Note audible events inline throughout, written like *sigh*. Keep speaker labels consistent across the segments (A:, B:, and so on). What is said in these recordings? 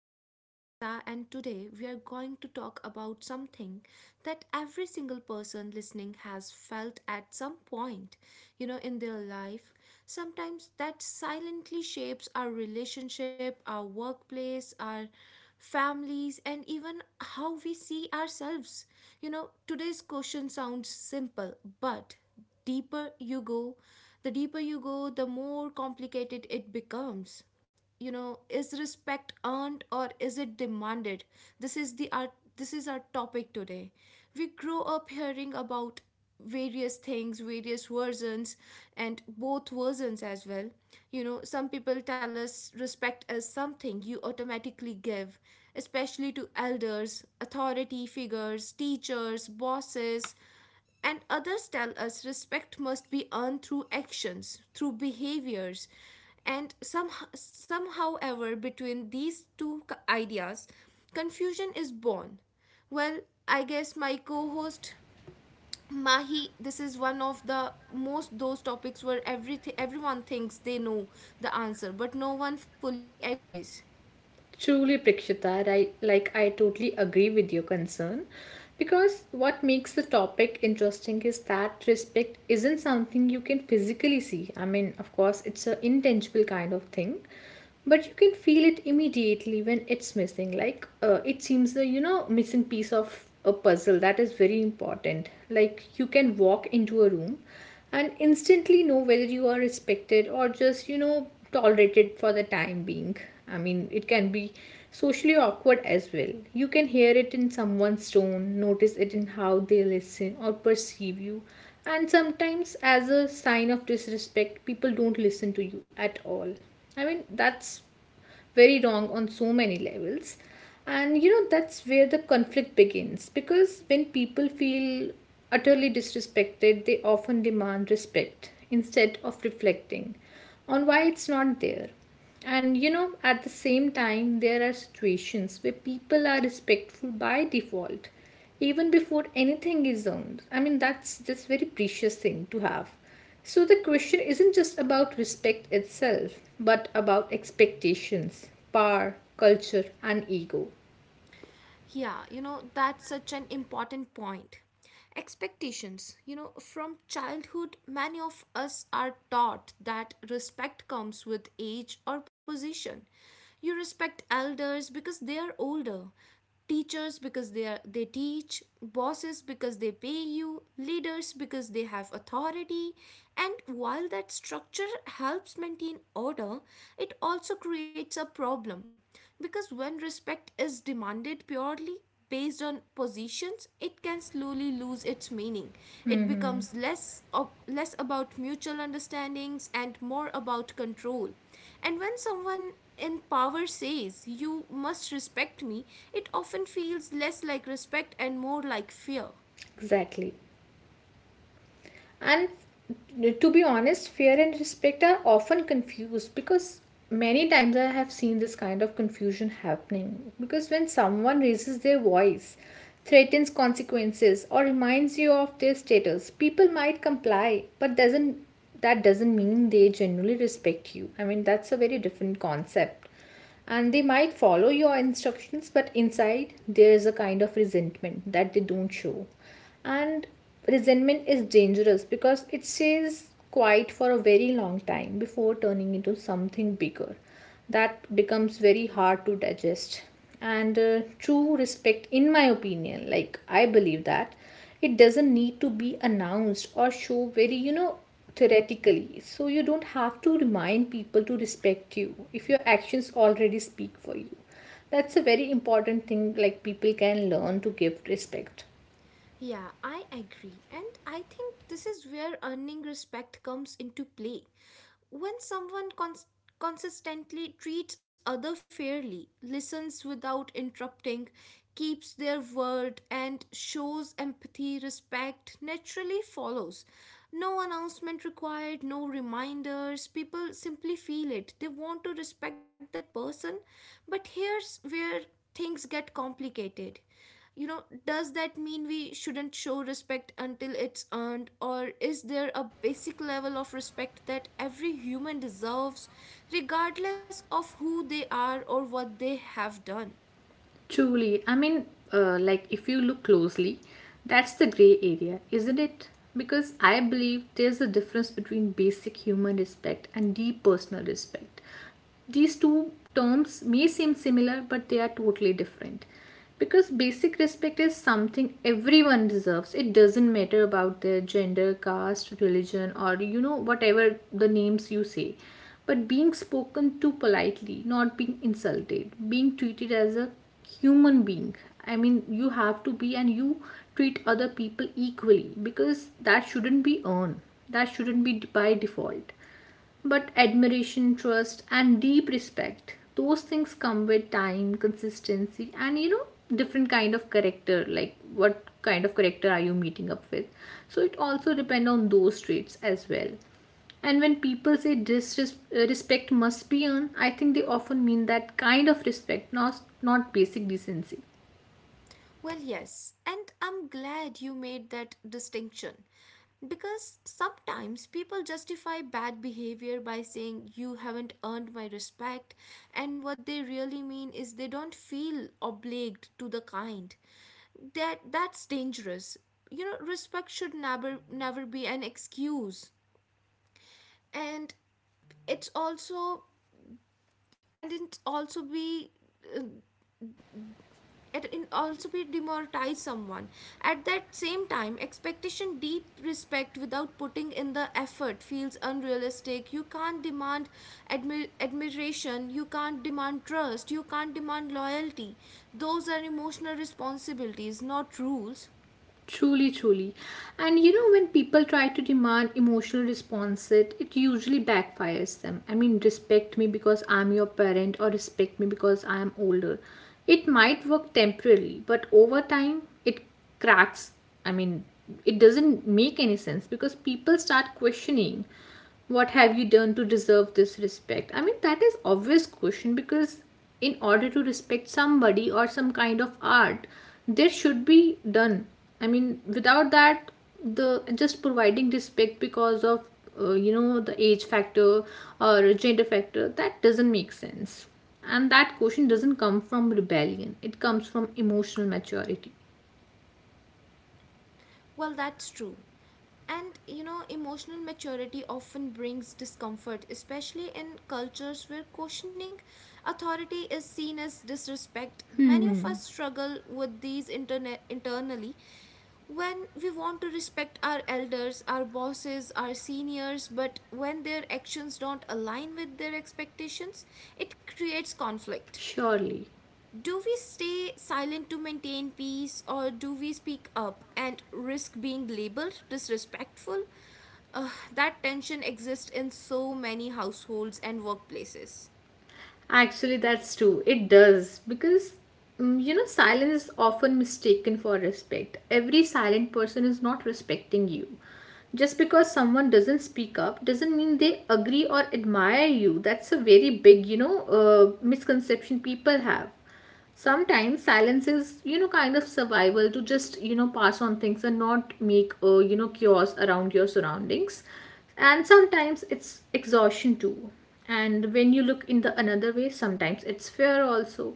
A: I am Prakshita, and today we are going to talk about something that every single person listening has felt at some point, in their life. Sometimes that silently shapes our relationship, our workplace, our families, and even how we see ourselves. Today's question sounds simple, but deeper you go, the more complicated it becomes. You know, is respect earned or is it demanded? this is the our this is our topic today. We grow up hearing about various versions, and both versions as well. You know, some people tell us respect is something you automatically give, especially to elders, authority figures, teachers, bosses, and others tell us respect must be earned through actions, through behaviors. And some, Somehow, ever, between these two ideas, confusion is born. Well, I guess my co host Mahi, this is one of the most those topics where everything everyone thinks they know the answer, but no one fully agrees.
B: Truly, Prakshita, right? I totally agree with your concern because what makes the topic interesting is that respect isn't something you can physically see. I mean, of course, it's an intangible kind of thing, but you can feel it immediately when it's missing. It seems a missing piece of a puzzle that is very important. Like, you can walk into a room and instantly know whether you are respected or just tolerated for the time being. I mean, it can be socially awkward as well. You can hear it in someone's tone, notice it in how they listen or perceive you, and sometimes, as a sign of disrespect, people don't listen to you at all. I mean, that's very wrong on so many levels, and that's where the conflict begins because when people feel utterly disrespected, they often demand respect instead of reflecting on why it's not there. And at the same time, there are situations where people are respectful by default, even before anything is owned. I mean, that's just very precious thing to have. So the question isn't just about respect itself, but about expectations, power, culture, and ego.
A: Yeah, you know, that's such an important point. Expectations. You know, from childhood, many of us are taught that respect comes with age or position. You respect elders because they are older, teachers because they teach, bosses because they pay you, leaders because they have authority. And while that structure helps maintain order, it also creates a problem because when respect is demanded purely based on positions, it can slowly lose its meaning. It becomes less about mutual understandings and more about control. And when someone in power says you must respect me, it often feels less like respect and more like fear.
B: Exactly. And to be honest, fear and respect are often confused because many times I have seen this kind of confusion happening. Because when someone raises their voice, threatens consequences, or reminds you of their status, people might comply, but doesn't that doesn't mean they genuinely respect you. I mean, that's a very different concept, and they might follow your instructions, but inside there is a kind of resentment that they don't show. And resentment is dangerous because it stays quiet for a very long time before turning into something bigger that becomes very hard to digest. And true respect, in my opinion, I believe that it doesn't need to be announced or show very theoretically. So you don't have to remind people to respect you if your actions already speak for you. That's a very important thing. Like, people can learn to give respect.
A: Yeah, I agree. And I think this is where earning respect comes into play. When consistently treats other fairly, listens without interrupting, keeps their word and shows empathy, respect naturally follows. No announcement required, no reminders. People simply feel it. They want to respect that person. But here's where things get complicated. You know, does that mean we shouldn't show respect until it's earned, or is there a basic level of respect that every human deserves, regardless of who they are or what they have done?
B: Truly. I mean, like if you look closely, that's the gray area, isn't it? Because I believe there's a difference between basic human respect and deep personal respect. These two terms may seem similar, but they are totally different. Because basic respect is something everyone deserves. It doesn't matter about their gender, caste, religion, or whatever the names you say. But being spoken to politely, not being insulted, being treated as a human being. I mean, you have to be, and you treat other people equally, because that shouldn't be earned. That shouldn't be by default. But admiration, trust, and deep respect, those things come with time, consistency, and different kind of character. Like, what kind of character are you meeting up with? So it also depend on those traits as well. And when people say disrespect must be earned, I think they often mean that kind of respect, not basic decency.
A: Well, yes, and I'm glad you made that distinction, because sometimes people justify bad behavior by saying you haven't earned my respect, and what they really mean is they don't feel obliged to the kind. That's dangerous. You know, respect should never be an excuse, and it's also and it's also be it in also be demoralize someone. At that same time, expectation deep respect without putting in the effort feels unrealistic. You can't demand admiration, you can't demand trust, you can't demand loyalty. Those are emotional responsibilities, not rules.
B: Truly, truly. And when people try to demand emotional response, it usually backfires them. I mean, respect me because I'm your parent, or respect me because I am older. It might work temporarily, but over time, it cracks. I mean, it doesn't make any sense because people start questioning what have you done to deserve this respect. I mean, that is obvious question, because in order to respect somebody or some kind of art, there should be done. I mean, without that, the just providing respect because of the age factor or gender factor, that doesn't make sense. And that question doesn't come from rebellion; it comes from emotional maturity,
A: Well, that's true. And you know, emotional maturity often brings discomfort, especially in cultures where questioning authority is seen as disrespect. Many of us struggle with internally when we want to respect our elders, our bosses, our seniors, but when their actions don't align with their expectations, it creates conflict.
B: surely.
A: Do we stay silent to maintain peace, or do we speak up and risk being labeled disrespectful? That tension exists in so many households and workplaces.
B: Actually, that's true. It does because silence is often mistaken for respect. Every silent person is not respecting you. Just because someone doesn't speak up doesn't mean they agree or admire you. That's a very big, misconception people have. Sometimes silence is kind of survival, to just pass on things and not make chaos around your surroundings. And sometimes it's exhaustion too. And when you look in the another way, sometimes it's fear also.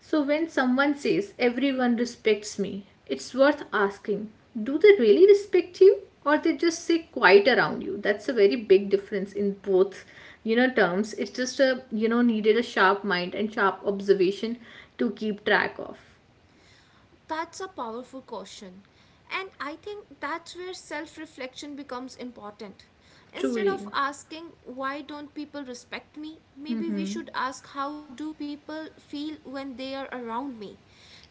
B: So when someone says everyone respects me, it's worth asking, do they really respect you or they just say quiet around you? That's a very big difference in both terms. It's just a needed a sharp mind and sharp observation to keep track of.
A: That's a powerful caution. And I think that's where self reflection becomes important. Instead of
B: Truly.
A: asking, why don't people respect me? Maybe we
B: Hmm.
A: should ask, how do people feel when they are around me?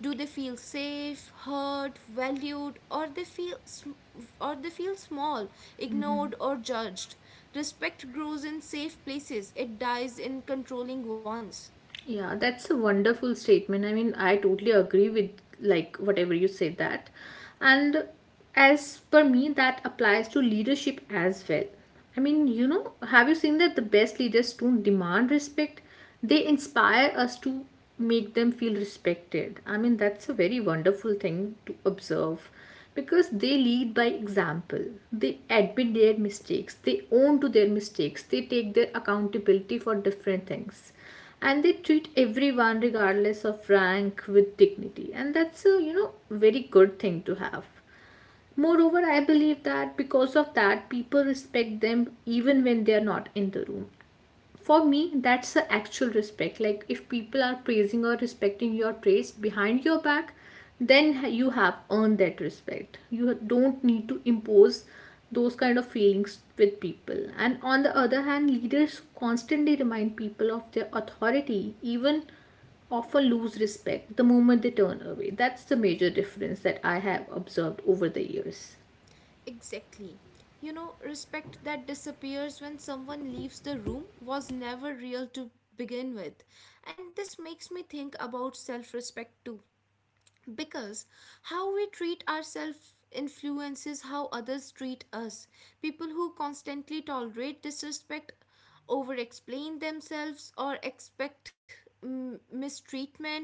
A: Do they feel safe, heard, valued, or they or they feel small, ignored, or judged? Respect grows in safe places, it dies in controlling ones.
B: Yeah, that's a wonderful statement. I mean, I totally agree with like whatever you said that. And as per me, that applies to leadership as well. I mean, have you seen that the best leaders don't demand respect? They inspire us to make them feel respected. I mean, that's a very wonderful thing to observe, because they lead by example. They admit their mistakes. They own to their mistakes. They take their accountability for different things, and they treat everyone regardless of rank with dignity. And that's a very good thing to have. Moreover, I believe that because of that, people respect them even when they are not in the room. For me, that's the actual respect. Like, if people are praising or respecting your traits behind your back, then you have earned that respect. You don't need to impose those kind of feelings with people. And on the other hand, leaders who constantly remind people of their authority even often lose respect the moment they turn away. That's the major difference that I have observed over the years.
A: Exactly. You know, respect that disappears when someone leaves the room was never real to begin with. And this makes me think about self respect too. Because how we treat ourselves influences how others treat us. People who constantly tolerate disrespect, over explain themselves, or expect mistreatment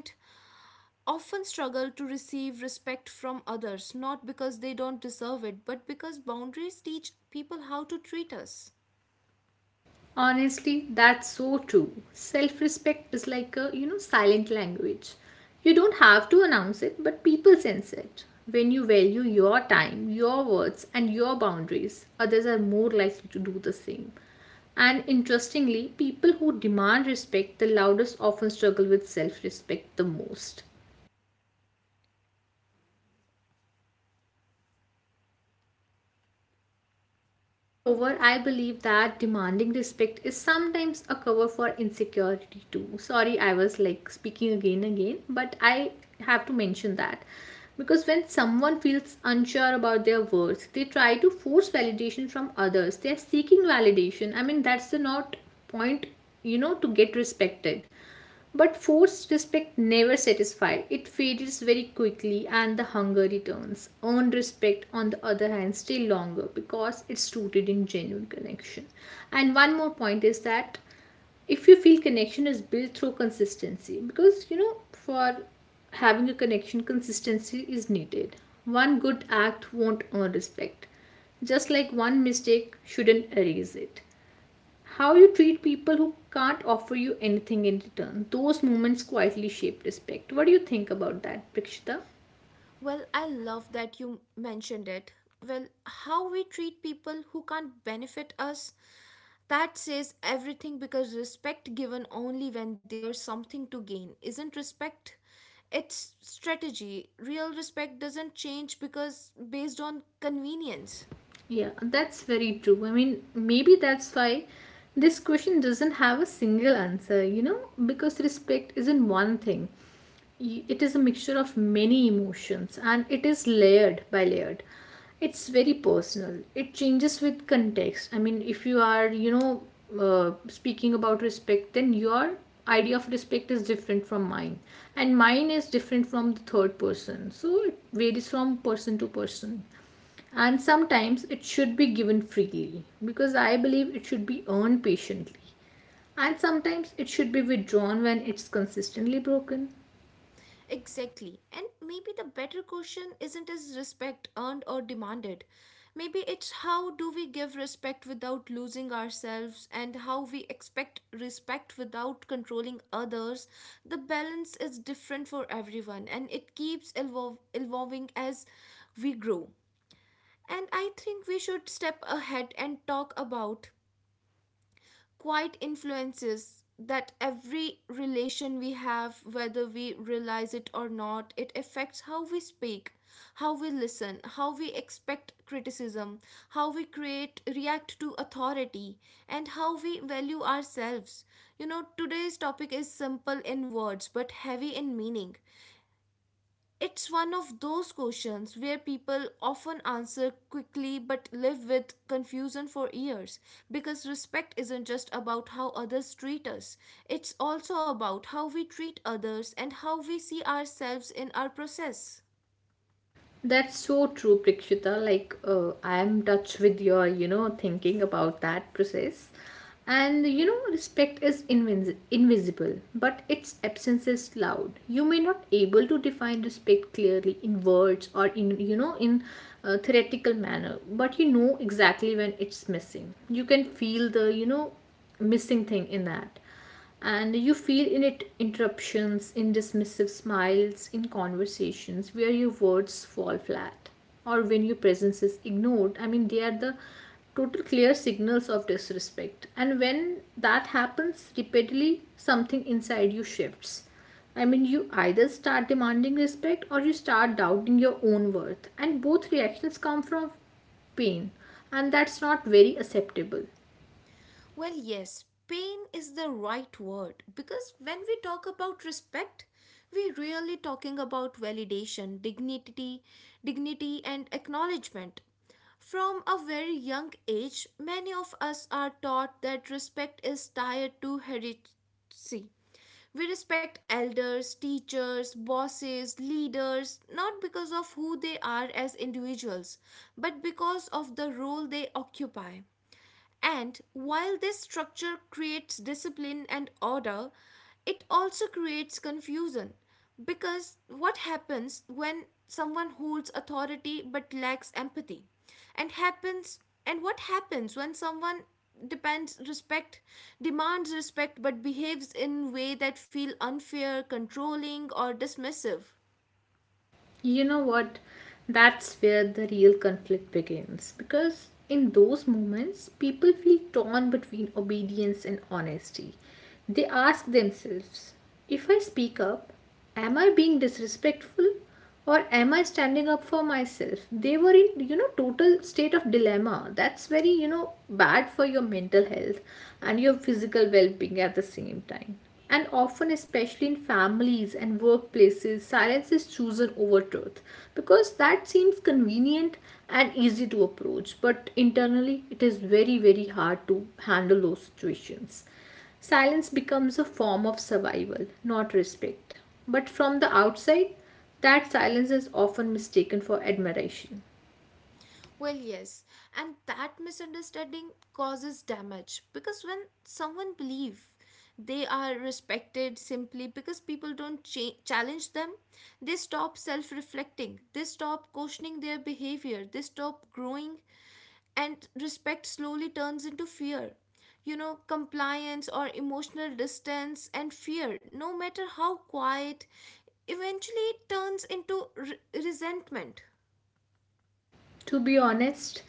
A: often struggle to receive respect from others, not because they don't deserve it, but because boundaries teach people how to treat us.
B: Honestly, that's so true. Self respect is like a, silent language. You don't have to announce it, but people sense it. When you value your time, your words, and your boundaries, others are more likely to do the same. And interestingly, people who demand respect the loudest often struggle with self respect the most. Moreover, I believe that demanding respect is sometimes a cover for insecurity too. Sorry, I was like speaking again and again, but I have to mention that. Because when someone feels unsure about their worth, they try to force validation from others. They are seeking validation. I mean, that's the not point, to get respected. But forced respect never satisfies. It fades very quickly and the hunger returns. Earned respect, on the other hand, still longer because it's rooted in genuine connection. And one more point is that if you feel connection is built through consistency, because for having a connection, consistency is needed. One good act won't earn respect, just like one mistake shouldn't erase it. How you treat people who can't offer you anything in return, those moments quietly shape respect. What do you think about that, Prakshita?
A: Well, I love that you mentioned it. Well, how we treat people who can't benefit us, that says everything, because respect given only when there's something to gain isn't respect, it's strategy. Real respect doesn't change because based on convenience.
B: Yeah, that's very true. I mean, maybe that's why this question doesn't have a single answer, because respect isn't one thing. It is a mixture of many emotions and it is layered by layered. It's very personal. It changes with context. I mean, if you are, speaking about respect, then your idea of respect is different from mine, and mine is different from the third person. So it varies from person to person. And sometimes it should be given freely, because I believe it should be earned patiently. And sometimes it should be withdrawn when it's consistently broken.
A: Exactly. And maybe the better question isn't is respect earned or demanded. Maybe it's how do we give respect without losing ourselves, and how we expect respect without controlling others. The balance is different for everyone and it keeps evolving as we grow. And I think we should step ahead and talk about quite influences that every relation we have, whether we realize it or not, it affects how we speak, how we listen, how we expect criticism, how we create, react to authority, and how we value ourselves. You know, today's topic is simple in words but heavy in meaning. It's one of those questions where people often answer quickly but live with confusion for years, because respect isn't just about how others treat us, it's also about how we treat others and how we see ourselves in our process.
B: That's so true, Prakshita. I am touched with your, thinking about that process. And, respect is invisible, but its absence is loud. You may not able to define respect clearly in words or in, in a theoretical manner, but you know exactly when it's missing. You can feel the, missing thing in that. And you feel in it interruptions, in dismissive smiles, in conversations where your words fall flat, or when your presence is ignored. I mean, they are the total clear signals of disrespect. And when that happens repeatedly, something inside you shifts. I mean, you either start demanding respect or you start doubting your own worth, and both reactions come from pain, and that's not very acceptable.
A: Well, yes, pain is the right word, because when we talk about respect, we're really talking about validation, dignity and acknowledgement. From a very young age, many of us are taught that respect is tied to heredity. We respect elders, teachers, bosses, leaders, not because of who they are as individuals, but because of the role they occupy. And while this structure creates discipline and order, it also creates confusion, because what happens when someone holds authority but lacks empathy, and happens and what happens when someone depends respect demands respect but behaves in way that feel unfair, controlling or dismissive?
B: You know what? That's where the real conflict begins, because in those moments, people feel torn between obedience and honesty. They ask themselves, if I speak up, am I being disrespectful or am I standing up for myself? They were in, total state of dilemma. That's very, bad for your mental health and your physical well being at the same time. And often, especially in families and workplaces, silence is chosen over truth because that seems convenient and easy to approach. But internally, it is very, very hard to handle those situations. Silence becomes a form of survival, not respect. But from the outside, that silence is often mistaken for admiration.
A: Well, yes, and that misunderstanding causes damage, because when someone believe they are respected simply because people don't challenge them, they stop self-reflecting, they stop questioning their behavior, they stop growing, and respect slowly turns into fear. You know, compliance or emotional distance and fear, no matter how quiet, eventually turns into resentment.
B: To be honest,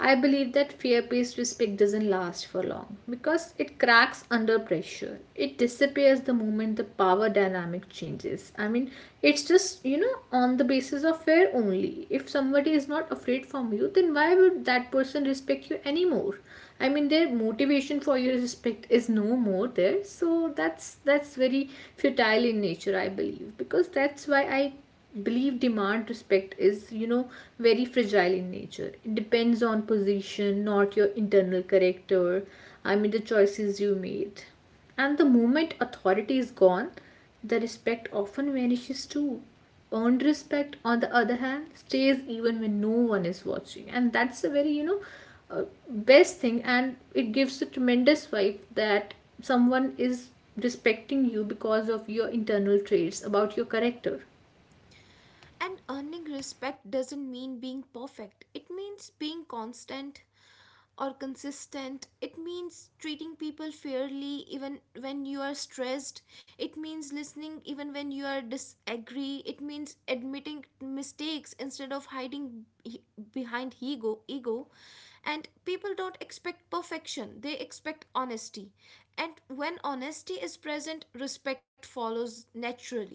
B: I believe that fear based respect doesn't last for long because it cracks under pressure. It disappears the moment the power dynamic changes. It's just, on the basis of fear only. If somebody is not afraid from you, then why would that person respect you anymore? I mean, their motivation for your respect is no more there. So that's very futile in nature, I believe, because that's why I believe demand respect is very fragile in nature. It depends on position, not your internal character. I mean the choices you made, and the moment authority is gone, the respect often vanishes too. Earned respect, on the other hand, stays even when no one is watching, and that's a very, uh, best thing, and it gives a tremendous vibe that someone is respecting you because of your internal traits, about your character.
A: And earning respect doesn't mean being perfect. It means being constant or consistent. It means treating people fairly even when you are stressed. It means listening even when you are disagree. It means admitting mistakes instead of behind ego, and people don't expect perfection, they expect honesty, and when honesty is present, respect follows naturally.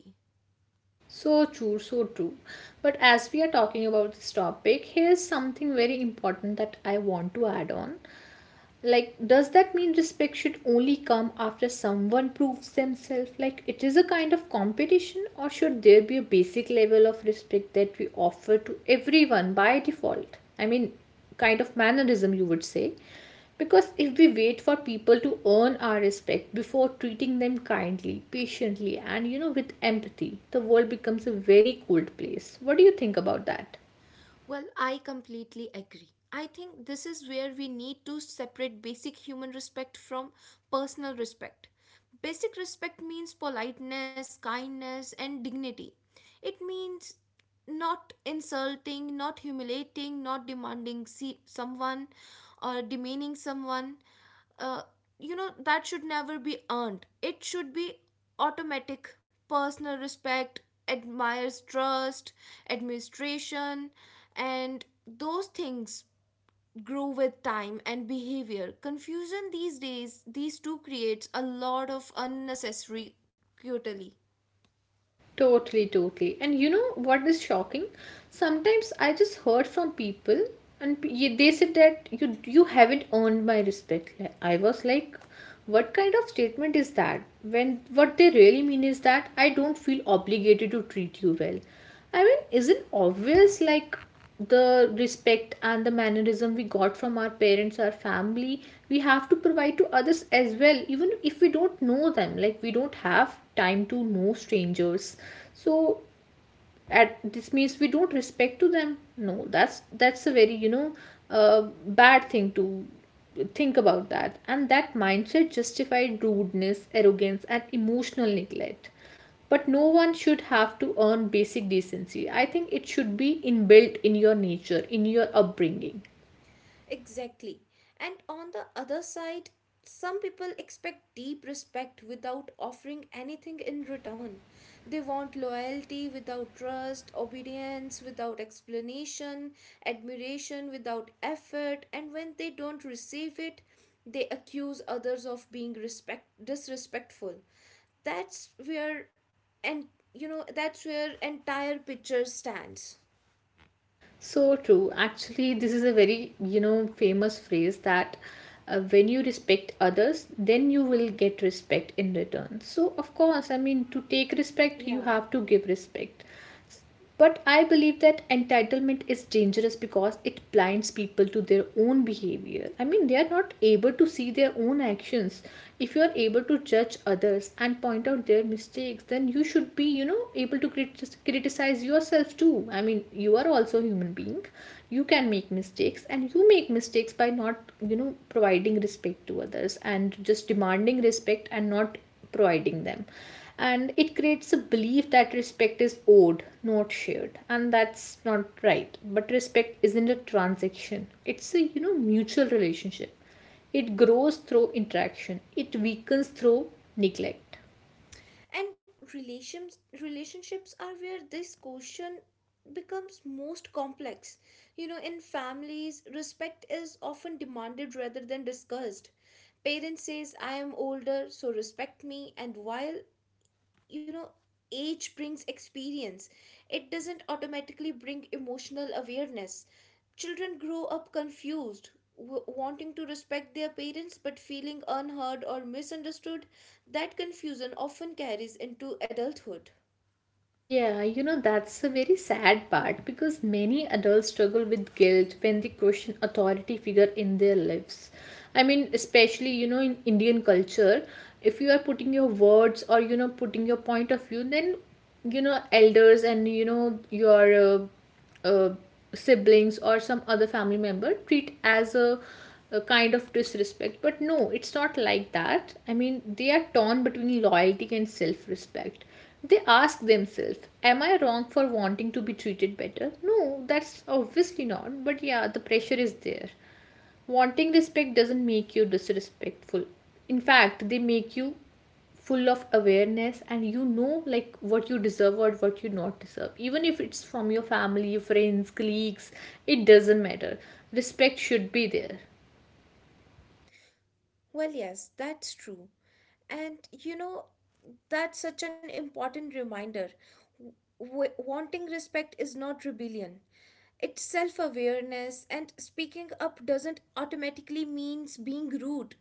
B: So true, so true. But as we are talking about this topic, here's something very important that I want to add on. Like, does that mean respect should only come after someone proves themselves? Like, it is a kind of competition, or should there be a basic level of respect that we offer to everyone by default? I mean, kind of mannerism, you would say. Because if we wait for people to earn our respect before treating them kindly, patiently, and, with empathy, the world becomes a very cold place. What do you think about that?
A: Well, I completely agree. I think this is where we need to separate basic human respect from personal respect. Basic respect means politeness, kindness, and dignity. It means not insulting, not humiliating, not demanding see someone or demeaning someone. uh, you know, that should never be earned, it should be automatic. Personal respect, admires trust, administration, and those things grow with time and behavior. Confusion these days, these two creates a lot of unnecessary cutely.
B: Totally, totally. And you know what is shocking? Sometimes I just heard from people, and they said that you haven't earned my respect. Like, I was like, what kind of statement is that? When what they really mean is that I don't feel obligated to treat you well. I mean, isn't obvious, like, the respect and the mannerism we got from our parents, our family, we have to provide to others as well, even if we don't know them. Like, we don't have time to know strangers, so at this means we don't respect to them. No, that's a very, bad thing to think about that. And that mindset justified rudeness, arrogance and emotional neglect. But no one should have to earn basic decency. I think it should be inbuilt in your nature, in your upbringing.
A: Exactly. And on the other side, some people expect deep respect without offering anything in return. They want loyalty without trust, obedience without explanation, admiration without effort, and when they don't receive it, they accuse others of being respect disrespectful. That's where and You know, that's where entire picture stands.
B: So true. Actually, this is a very, you know, famous phrase that, when you respect others, then you will get respect in return. So, of course, I mean, to take respect, you
A: Yeah.
B: have to give respect. But I believe that entitlement is dangerous because it blinds people to their own behavior. I mean, they are not able to see their own actions. If you are able to judge others and point out their mistakes, then you should be, you know, able to criticize yourself too. I mean you are also a human being, you can make mistakes, and you make mistakes by not, you know, providing respect to others and just demanding respect and not providing them. And it creates a belief that respect is owed, not shared, and that's not right. But respect isn't a transaction, it's a, you know, mutual relationship. It grows through interaction, it weakens through neglect.
A: And relationships are where this question becomes most complex. You know, in families, respect is often demanded rather than discussed. Parents says I am older, so respect me. And while, you know, age brings experience, it doesn't automatically bring emotional awareness. Children grow up confused, wanting to respect their parents but feeling unheard or misunderstood. That confusion often carries into adulthood.
B: Yeah, you know, that's a very sad part because many adults struggle with guilt when they question authority figure in their lives. I mean, especially, you know, in Indian culture, if you are putting your words or, you know, putting your point of view, then, you know, elders and, you know, your uh, uh, siblings or some other family member treat as a kind of disrespect. But no, it's not like that. I mean they are torn between loyalty and self-respect. They ask themselves, am I wrong for wanting to be treated better? No, that's obviously not, but yeah, the pressure is there. Wanting respect doesn't make you disrespectful. In fact, they make you full of awareness, and you know, like, what you deserve or what you not deserve, even if it's from your family, friends, colleagues, it doesn't matter. Respect should be there.
A: Well, yes, that's true. And you know, that's such an important reminder. Wanting respect is not rebellion. It's self awareness, and speaking up doesn't automatically means being rude.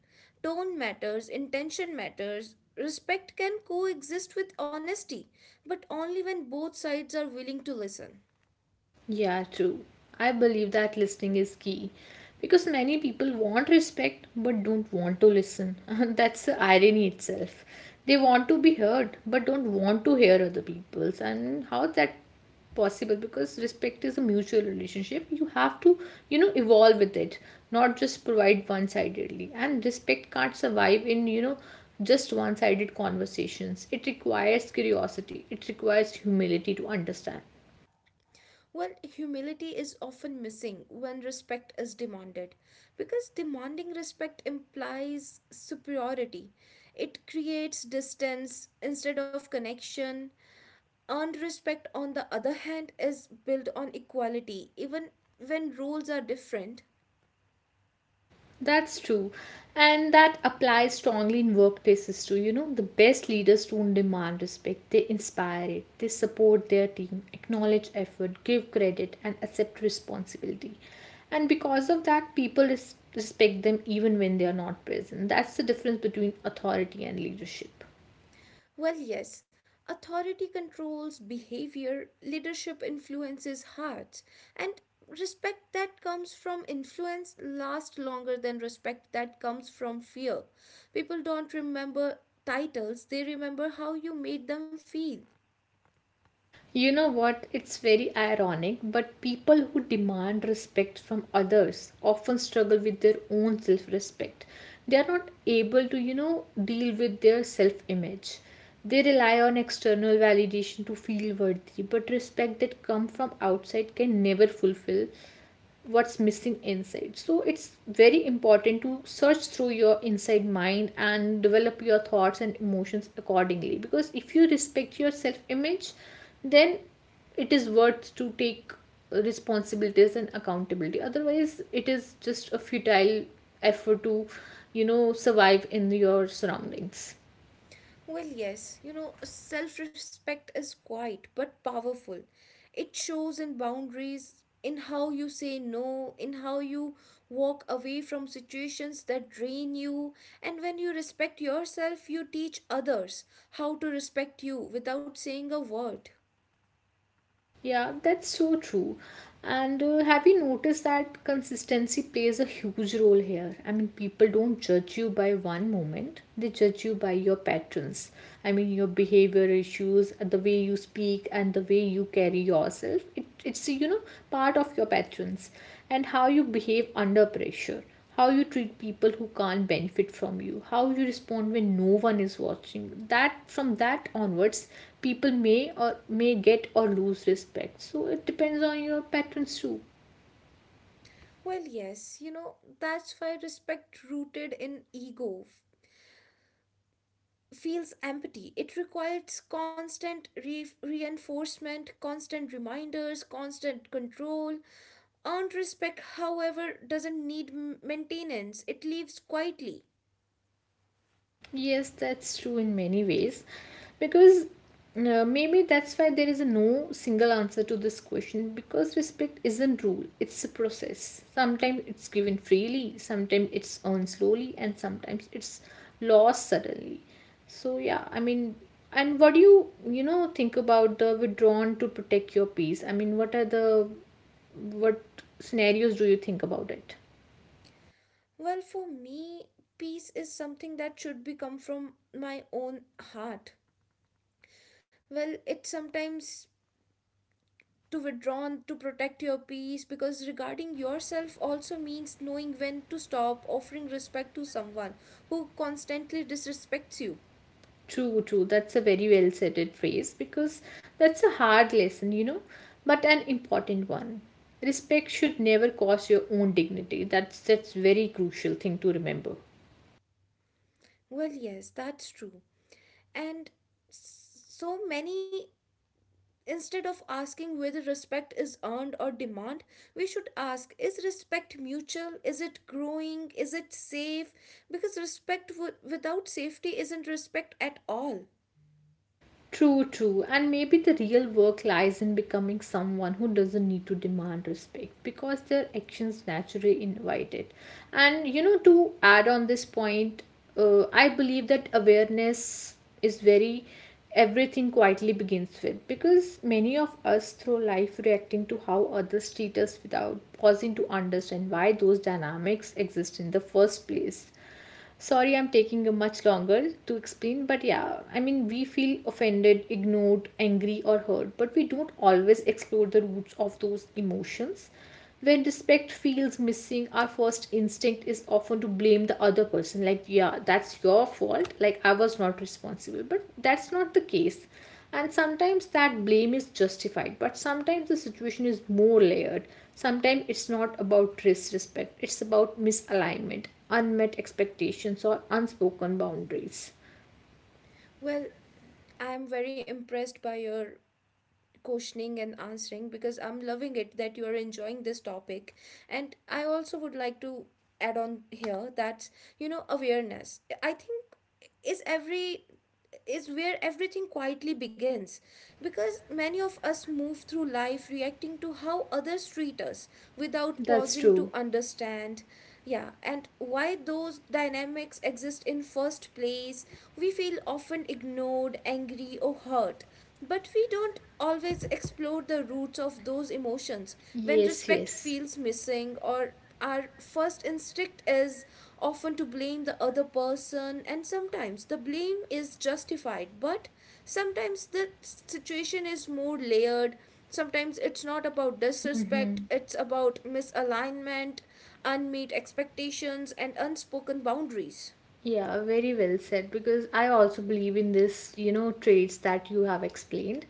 A: Tone matters, intention matters. Respect can coexist with honesty, but only when both sides are willing to listen.
B: Yeah, true. I believe that listening is key because many people want respect but don't want to listen. *laughs* That's the irony itself. They want to be heard but don't want to hear other people's. And how is that possible? Because respect is a mutual relationship. You have to, you know, evolve with it, not just provide one sidedly. And respect can't survive in, you know, just one sided conversations. It requires curiosity, it requires humility to understand.
A: Well, humility is often missing when respect is demanded, because demanding respect implies superiority. It creates distance instead of connection. Earned respect, on the other hand, is built on equality, even when roles are different.
B: That's true. And that applies strongly in workplaces too. You know, the best leaders don't demand respect, they inspire it, they support their team, acknowledge effort, give credit, and accept responsibility. And because of that, people respect them even when they are not present. That's the difference between authority and leadership.
A: Well, yes, authority controls behavior, leadership influences hearts, and respect that comes from influence lasts longer than respect that comes from fear. People don't remember titles, they remember how you made them feel.
B: You know what? It's very ironic, but people who demand respect from others often struggle with their own self respect. They are not able to, you know, deal with their self image. They rely on external validation to feel worthy, but respect that comes from outside can never fulfill what's missing inside. So it's very important to search through your inside mind and develop your thoughts and emotions accordingly, because if you respect your self image, then it is worth to take responsibilities and accountability. Otherwise it is just a futile effort to, you know, survive in your surroundings.
A: Well, yes, you know, self respect is quiet but powerful. It shows in boundaries, in how you say no, in how you walk away from situations that drain you. And when you respect yourself, you teach others how to respect you without saying a word.
B: Yeah, that's so true. And have you noticed that consistency plays a huge role here? I mean, people don't judge you by one moment, they judge you by your patterns. I mean, your behavior issues, the way you speak, and the way you carry yourself. It's, you know, part of your patterns, and how you behave under pressure, how you treat people who can't benefit from you, how you respond when no one is watching you. That from that onwards, people may or may get or lose respect, so it depends on your patterns too.
A: Well, yes, you know, that's why respect rooted in ego feels empty. It requires constant reinforcement, constant reminders, constant control. Earned respect, however, doesn't need maintenance, it lives quietly.
B: Yes, that's true in many ways because, maybe that's why there is no single answer to this question, because respect isn't rule, it's a process. Sometimes it's given freely, sometimes it's earned slowly, and sometimes it's lost suddenly. So yeah, I mean, and what do you, you know, think about the withdrawn to protect your peace? I mean, what are the what scenarios do you think about it?
A: Well, for me, peace is something that should be come from my own heart. Well, it sometimes to withdrawn to protect your peace, because regarding yourself also means knowing when to stop offering respect to someone who constantly disrespects you.
B: True, true. That's a very well said it phrase because that's a hard lesson, you know, but an important one. Respect should never cost your own dignity. That's very crucial thing to remember.
A: Well, yes, that's true. And so many, instead of asking whether respect is earned or demand, we should ask, is respect mutual? Is it growing? Is it safe? Because respect without safety isn't respect at all.
B: True, true. And maybe the real work lies in becoming someone who doesn't need to demand respect because their actions naturally invite it. And you know, to add on this point, I believe that awareness is very everything quietly begins with, because many of us through life reacting to how others treat us without pausing to understand why those dynamics exist in the first place. Sorry, I'm taking a much longer to explain, but yeah, I mean, we feel offended, ignored, angry, or hurt, but we don't always explore the roots of those emotions. When respect feels missing, our first instinct is often to blame the other person, like, yeah, that's your fault, like, I was not responsible, but that's not the case. And sometimes that blame is justified, but sometimes the situation is more layered. Sometimes it's not about disrespect, it's about misalignment, unmet expectations or unspoken boundaries.
A: Well, I am very impressed by your questioning and answering, because I'm loving it that you are enjoying this topic. And I also would like to add on here that, you know, awareness, I think, is every is where everything quietly begins, because many of us move through life reacting to how others treat us without
B: That's
A: pausing to
B: true.
A: understand. Yeah, and why those dynamics exist in first place, we feel often ignored, angry, or hurt, but we don't always explore the roots of those emotions. When
B: Yes,
A: respect
B: yes.
A: feels missing, or our first instinct is often to blame the other person, and sometimes the blame is justified, but sometimes the situation is more layered. Sometimes it's not about disrespect, it's about misalignment, unmet expectations, and unspoken boundaries.
B: Yeah, very well said because I also believe in this, you know, traits that you have explained.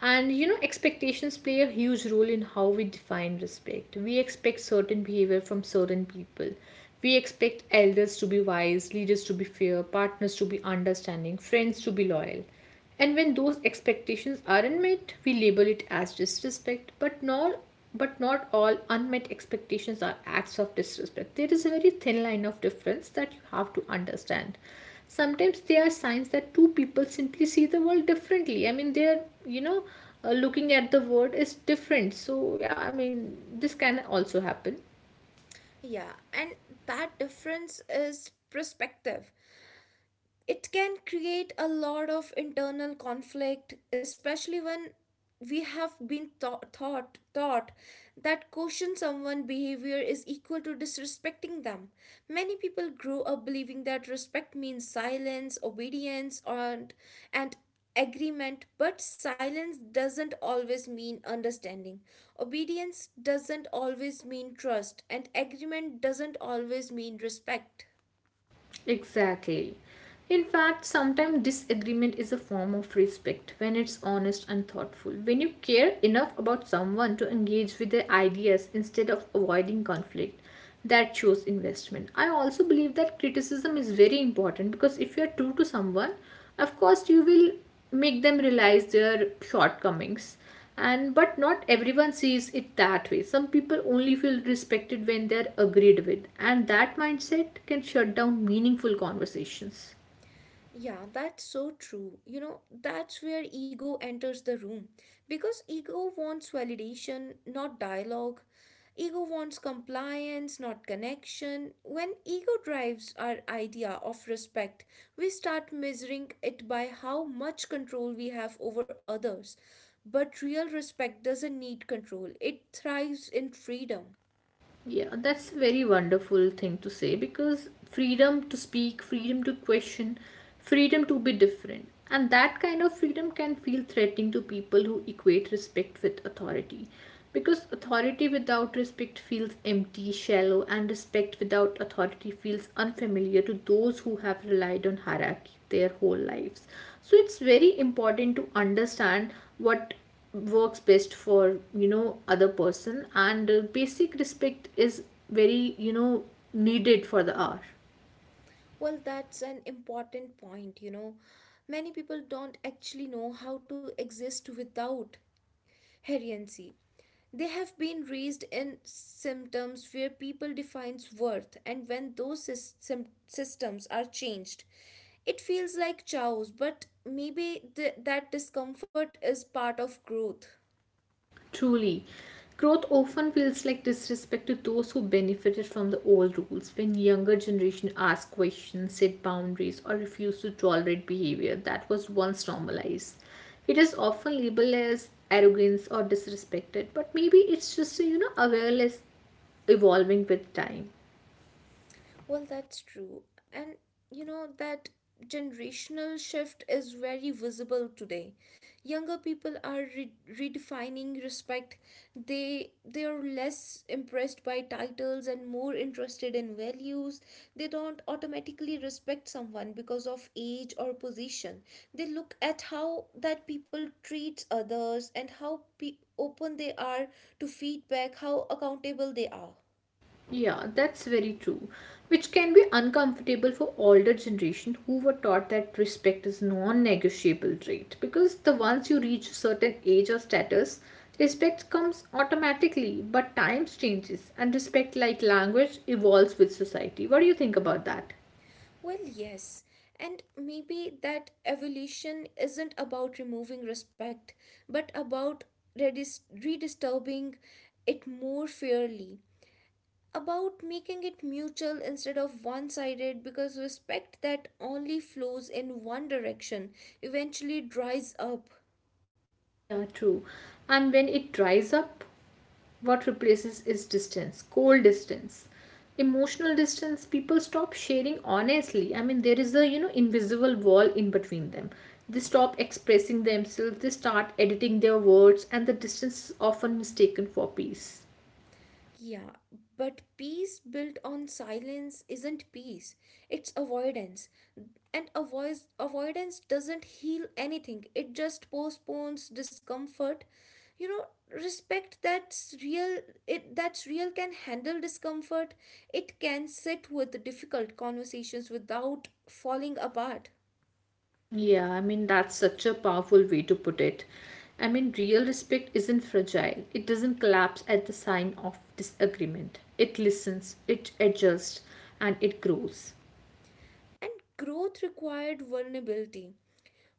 B: And you know, expectations play a huge role in how we define respect. We expect certain behavior from certain people. We expect elders to be wise, leaders to be fair, partners to be understanding, friends to be loyal. And when those expectations aren't met, we label it as disrespect, but not, but not all unmet expectations are acts of disrespect. There is a very thin line of difference that you have to understand. Sometimes they are signs that two people simply see the world differently. I mean, they're, you know, looking at the world is different. So yeah, I mean this can also happen.
A: Yeah, and that difference is perspective. It can create a lot of internal conflict, especially when we have been thought that question someone behavior is equal to disrespecting them. Many people grow up believing that respect means silence, obedience, and agreement. But silence doesn't always mean understanding, obedience doesn't always mean trust, and agreement doesn't always mean respect.
B: Exactly. In fact, sometimes disagreement is a form of respect when it's honest and thoughtful. When you care enough about someone to engage with their ideas instead of avoiding conflict, that shows investment. I also believe that criticism is very important because if you're true to someone, of course, you will make them realize their shortcomings. And but not everyone sees it that way. Some people only feel respected when they're agreed with, and that mindset can shut down meaningful conversations.
A: Yeah, that's so true. You know, that's where ego enters the room. Because ego wants validation, not dialogue. Ego wants compliance, not connection. When ego drives our idea of respect, we start measuring it by how much control we have over others. But real respect doesn't need control, it thrives in freedom.
B: Yeah, that's a very wonderful thing to say because freedom to speak, freedom to question, freedom to be different. And that kind of freedom can feel threatening to people who equate respect with authority. Because authority without respect feels empty, shallow, and respect without authority feels unfamiliar to those who have relied on hierarchy their whole lives. So it's very important to understand what works best for other person, and basic respect is very needed for the hour.
A: Well, that's an important point, you know. Many people don't actually know how to exist without heriency. They have been raised in symptoms where people defines worth, and when those systems are changed, it feels like chaos, but maybe that discomfort is part of growth.
B: Truly, growth often feels like disrespect to those who benefited from the old rules. When younger generation ask questions, set boundaries, or refuse to tolerate behavior that was once normalized, it is often labeled as arrogance or disrespected, but maybe it's just a, awareness evolving with time.
A: Well, that's true. And you know, that generational shift is very visible today. Younger people are redefining respect. They are less impressed by titles and more interested in values. They don't automatically respect someone because of age or position. They look at how that people treats others, and how open they are to feedback, how accountable they are.
B: Yeah, that's very true. Which can be uncomfortable for older generation who were taught that respect is non-negotiable trait, because the once you reach a certain age or status, respect comes automatically, but times changes and respect, like language, evolves with society. What do you think about that?
A: Well, yes, and maybe that evolution isn't about removing respect, but about redisturbing it more fairly, about making it mutual instead of one sided, because respect that only flows in one direction eventually dries up.
B: Yeah, true. And when it dries up, what replaces is distance, cold distance, emotional distance. People stop sharing honestly. I mean, there is a invisible wall in between them. They stop expressing themselves. They start editing their words, and the distance is often mistaken for peace.
A: Yeah, but peace built on silence isn't peace. It's avoidance. And avoidance doesn't heal anything, it just postpones discomfort. You know, respect that's real, can handle discomfort. It can sit with difficult conversations without falling apart.
B: Yeah, I mean that's such a powerful way to put it. I mean, real respect isn't fragile. It doesn't collapse at the sign of disagreement. It listens, it adjusts, and it grows.
A: And growth required vulnerability,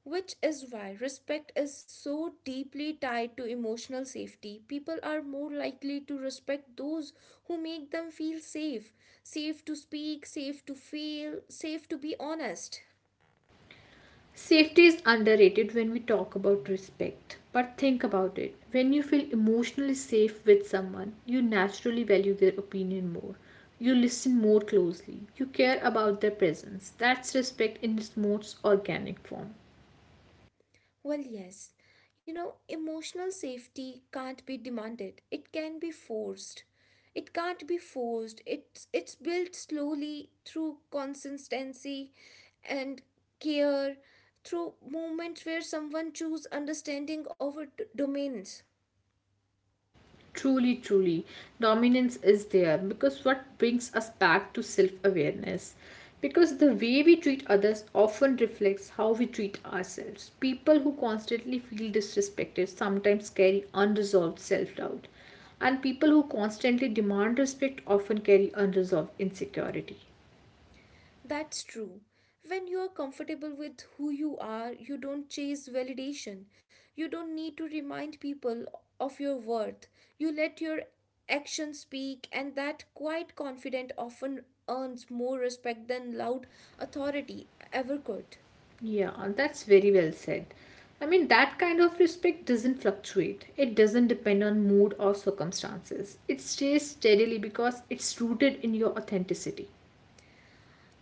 A: which is why respect is so deeply tied to emotional safety. People are more likely to respect those who make them feel safe, safe to speak, safe to fail, safe to be honest.
B: Safety is underrated when we talk about respect. But think about it. When you feel emotionally safe with someone, you naturally value their opinion more. You listen more closely. You care about their presence. That's respect in its most organic form.
A: Well, yes. You know, emotional safety can't be demanded. It can be forced. It can't be forced. It's built slowly through consistency and care, through moments where someone choose understanding over dominance.
B: Truly, dominance is there because what brings us back to self awareness. Because the way we treat others often reflects how we treat ourselves. People who constantly feel disrespected sometimes carry unresolved self doubt, and people who constantly demand respect often carry unresolved insecurity.
A: That's true. When you are comfortable with who you are, you don't chase validation. You don't need to remind people of your worth. You let your actions speak, and that quiet confidence often earns more respect than loud authority ever could.
B: Yeah, that's very well said. I mean, that kind of respect doesn't fluctuate. It doesn't depend on mood or circumstances. It stays steadily because it's rooted in your authenticity.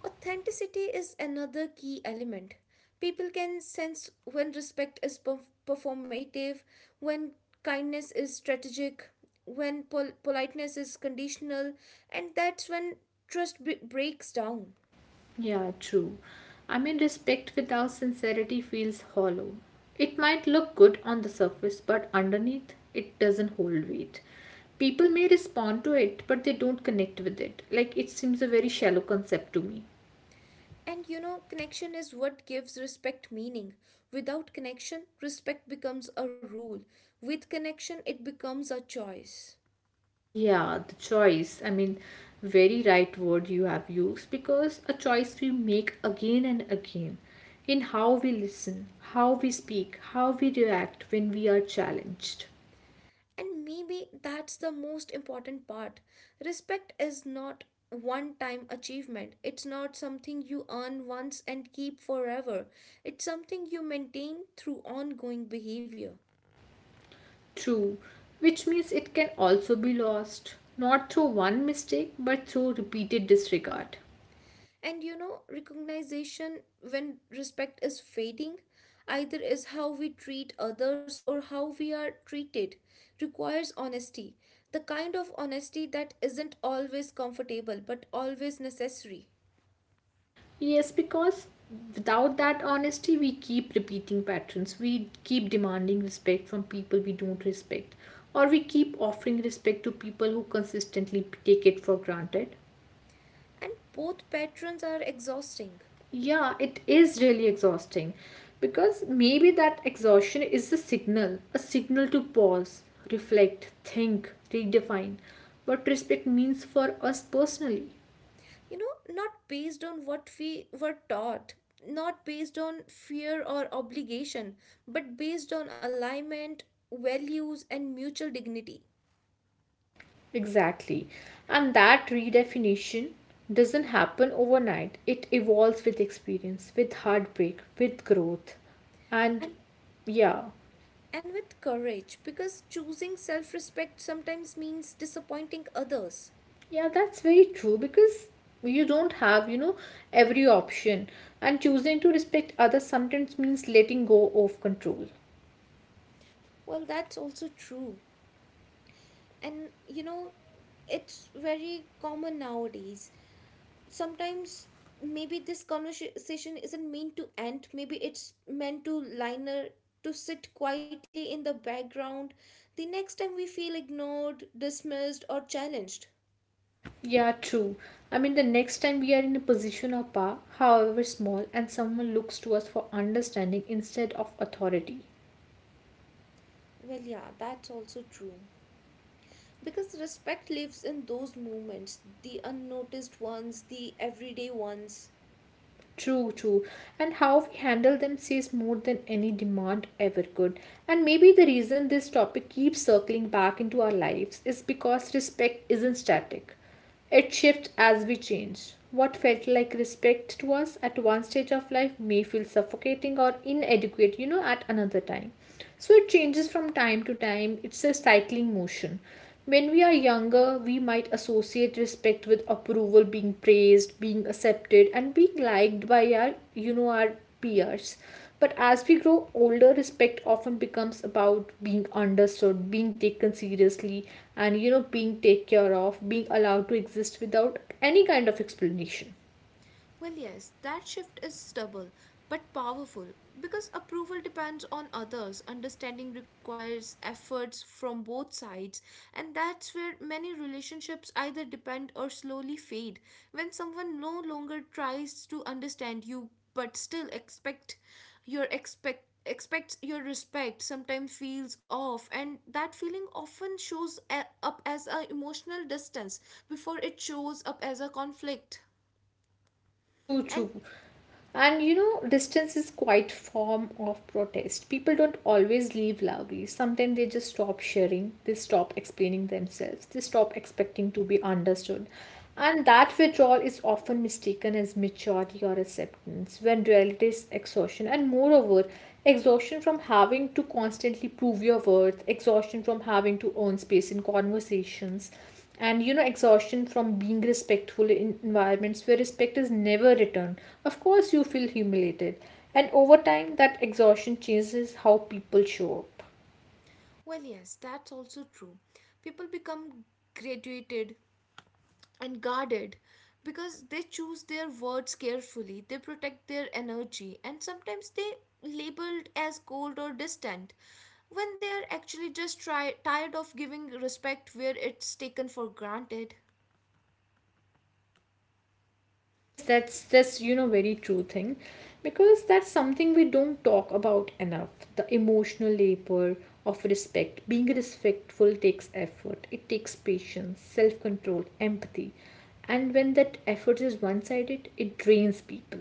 A: Authenticity is another key element. People can sense when respect is performative, when kindness is strategic, when politeness is conditional, and that's when trust breaks down.
B: Yeah, true. I mean, respect without sincerity feels hollow. It might look good on the surface, but underneath, it doesn't hold weight. People may respond to it, but they don't connect with it. Like, it seems a very shallow concept to me.
A: And you know, connection is what gives respect meaning. Without connection, respect becomes a rule. With connection, it becomes a choice.
B: Yeah, the choice. I mean, very right word you have used, because a choice we make again and again in how we listen, how we speak, how we react when we are challenged.
A: And maybe that's the most important part. Respect is not one time achievement, it's not something you earn once and keep forever, it's something you maintain through ongoing behavior.
B: True, which means it can also be lost, not through one mistake but through repeated disregard.
A: And you know, recognition when respect is fading, either is how we treat others or how we are treated, requires honesty. The kind of honesty that isn't always comfortable but always necessary.
B: Yes, because without that honesty, we keep repeating patterns. We keep demanding respect from people we don't respect, or we keep offering respect to people who consistently take it for granted.
A: And both patterns are exhausting,
B: Yeah, it is really exhausting, because maybe that exhaustion is a signal to pause, reflect, think, redefine what respect means for us personally.
A: you know, not based on what we were taught, not based on fear or obligation, but based on alignment, values, and mutual dignity.
B: Exactly. And that redefinition doesn't happen overnight. It evolves with experience, with heartbreak, with growth. And
A: and
B: yeah,
A: and with courage, because choosing self-respect sometimes means disappointing others.
B: yeah, that's very true because you don't have, every option. And choosing to respect others sometimes means letting go of control.
A: Well, that's also true. And you know, it's very common nowadays. Sometimes maybe this conversation isn't meant to end, maybe it's meant to liner, to sit quietly in the background the next time we feel ignored, dismissed, or challenged.
B: Yeah, true. I mean, the next time we are in a position of power, however small, and someone looks to us for understanding instead of authority.
A: Well, yeah, that's also true, because respect lives in those moments, the unnoticed ones, the everyday ones.
B: True, true. And how we handle them says more than any demand ever could. And maybe the reason this topic keeps circling back into our lives is because respect isn't static. It shifts as we change. What felt like respect to us at one stage of life may feel suffocating or inadequate, at another time. So it changes from time to time. It's a cycling motion. When we are younger, we might associate respect with approval, being praised, being accepted, and being liked by our, our peers. But as we grow older, respect often becomes about being understood, being taken seriously, and being taken care of, being allowed to exist without any kind of explanation.
A: Well, yes, that shift is stubborn but powerful, because approval depends on others. Understanding requires efforts from both sides, and that's where many relationships either depend or slowly fade. When someone no longer tries to understand you but still expects your respect, sometimes feels off, and that feeling often shows up as a emotional distance before it shows up as a conflict.
B: True,
A: And
B: true. And you know, distance is quite form of protest. People don't always leave loudly. Sometimes they just stop sharing, they stop explaining themselves, they stop expecting to be understood. And that withdrawal is often mistaken as maturity or acceptance, when reality is exhaustion. And moreover, exhaustion from having to constantly prove your worth, exhaustion from having to own space in conversations, and exhaustion from being respectful in environments where respect is never returned. Of course you feel humiliated, and over time that exhaustion changes how people show up.
A: well, yes, that's also true. People become graduated and guarded, because they choose their words carefully, they protect their energy, and sometimes they labeled as cold or distant when they are actually just tired of giving respect where it's taken for granted.
B: Yes, that's very true thing, because that's something we don't talk about enough: the emotional labor of respect. Being respectful takes effort, it takes patience, self control, empathy, and when that effort is one sided it drains people.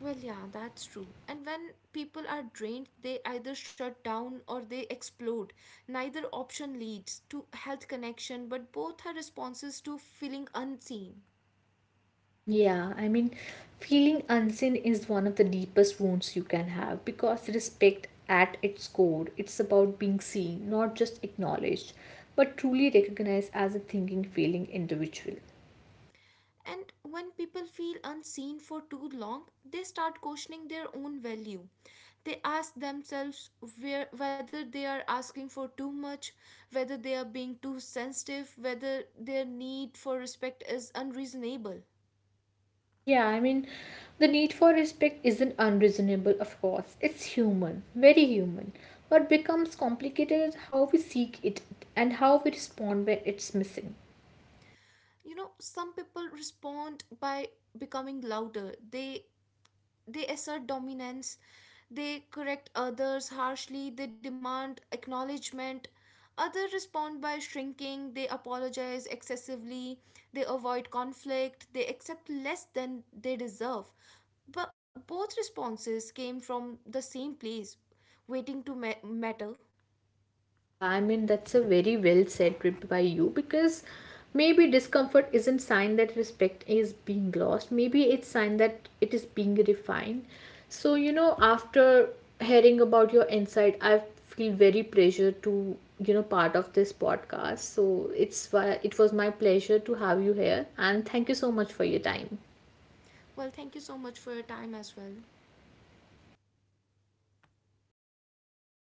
A: Well, yeah, that's true. And when people are drained, they either shut down or they explode. Neither option leads to health connection, but both are responses to feeling unseen.
B: Yeah, I mean, feeling unseen is one of the deepest wounds you can have, because respect at its core, it's about being seen, not just acknowledged, but truly recognized as a thinking, feeling individual.
A: And when people feel unseen for too long, they start questioning their own value. They ask themselves whether they are asking for too much, whether they are being too sensitive, whether their need for respect is unreasonable.
B: Yeah, I mean, the need for respect isn't unreasonable, of course. It's human, very human. What becomes complicated is how we seek it and how we respond when it's missing.
A: You know, some people respond by becoming louder, they assert dominance, they correct others harshly, they demand acknowledgement. Others respond by shrinking, they apologize excessively, they avoid conflict, they accept less than they deserve. But both responses came from the same place, waiting to matter.
B: Yeah, I mean that's a very well said trip by you, because maybe discomfort isn't sign that respect is being lost. Maybe it's sign that it is being refined. So you know, after hearing about your insight, I feel very pleasure to part of this podcast. So it's why it was my pleasure to have you here, and thank you so much for your time.
A: Well, thank you so much for your time as well.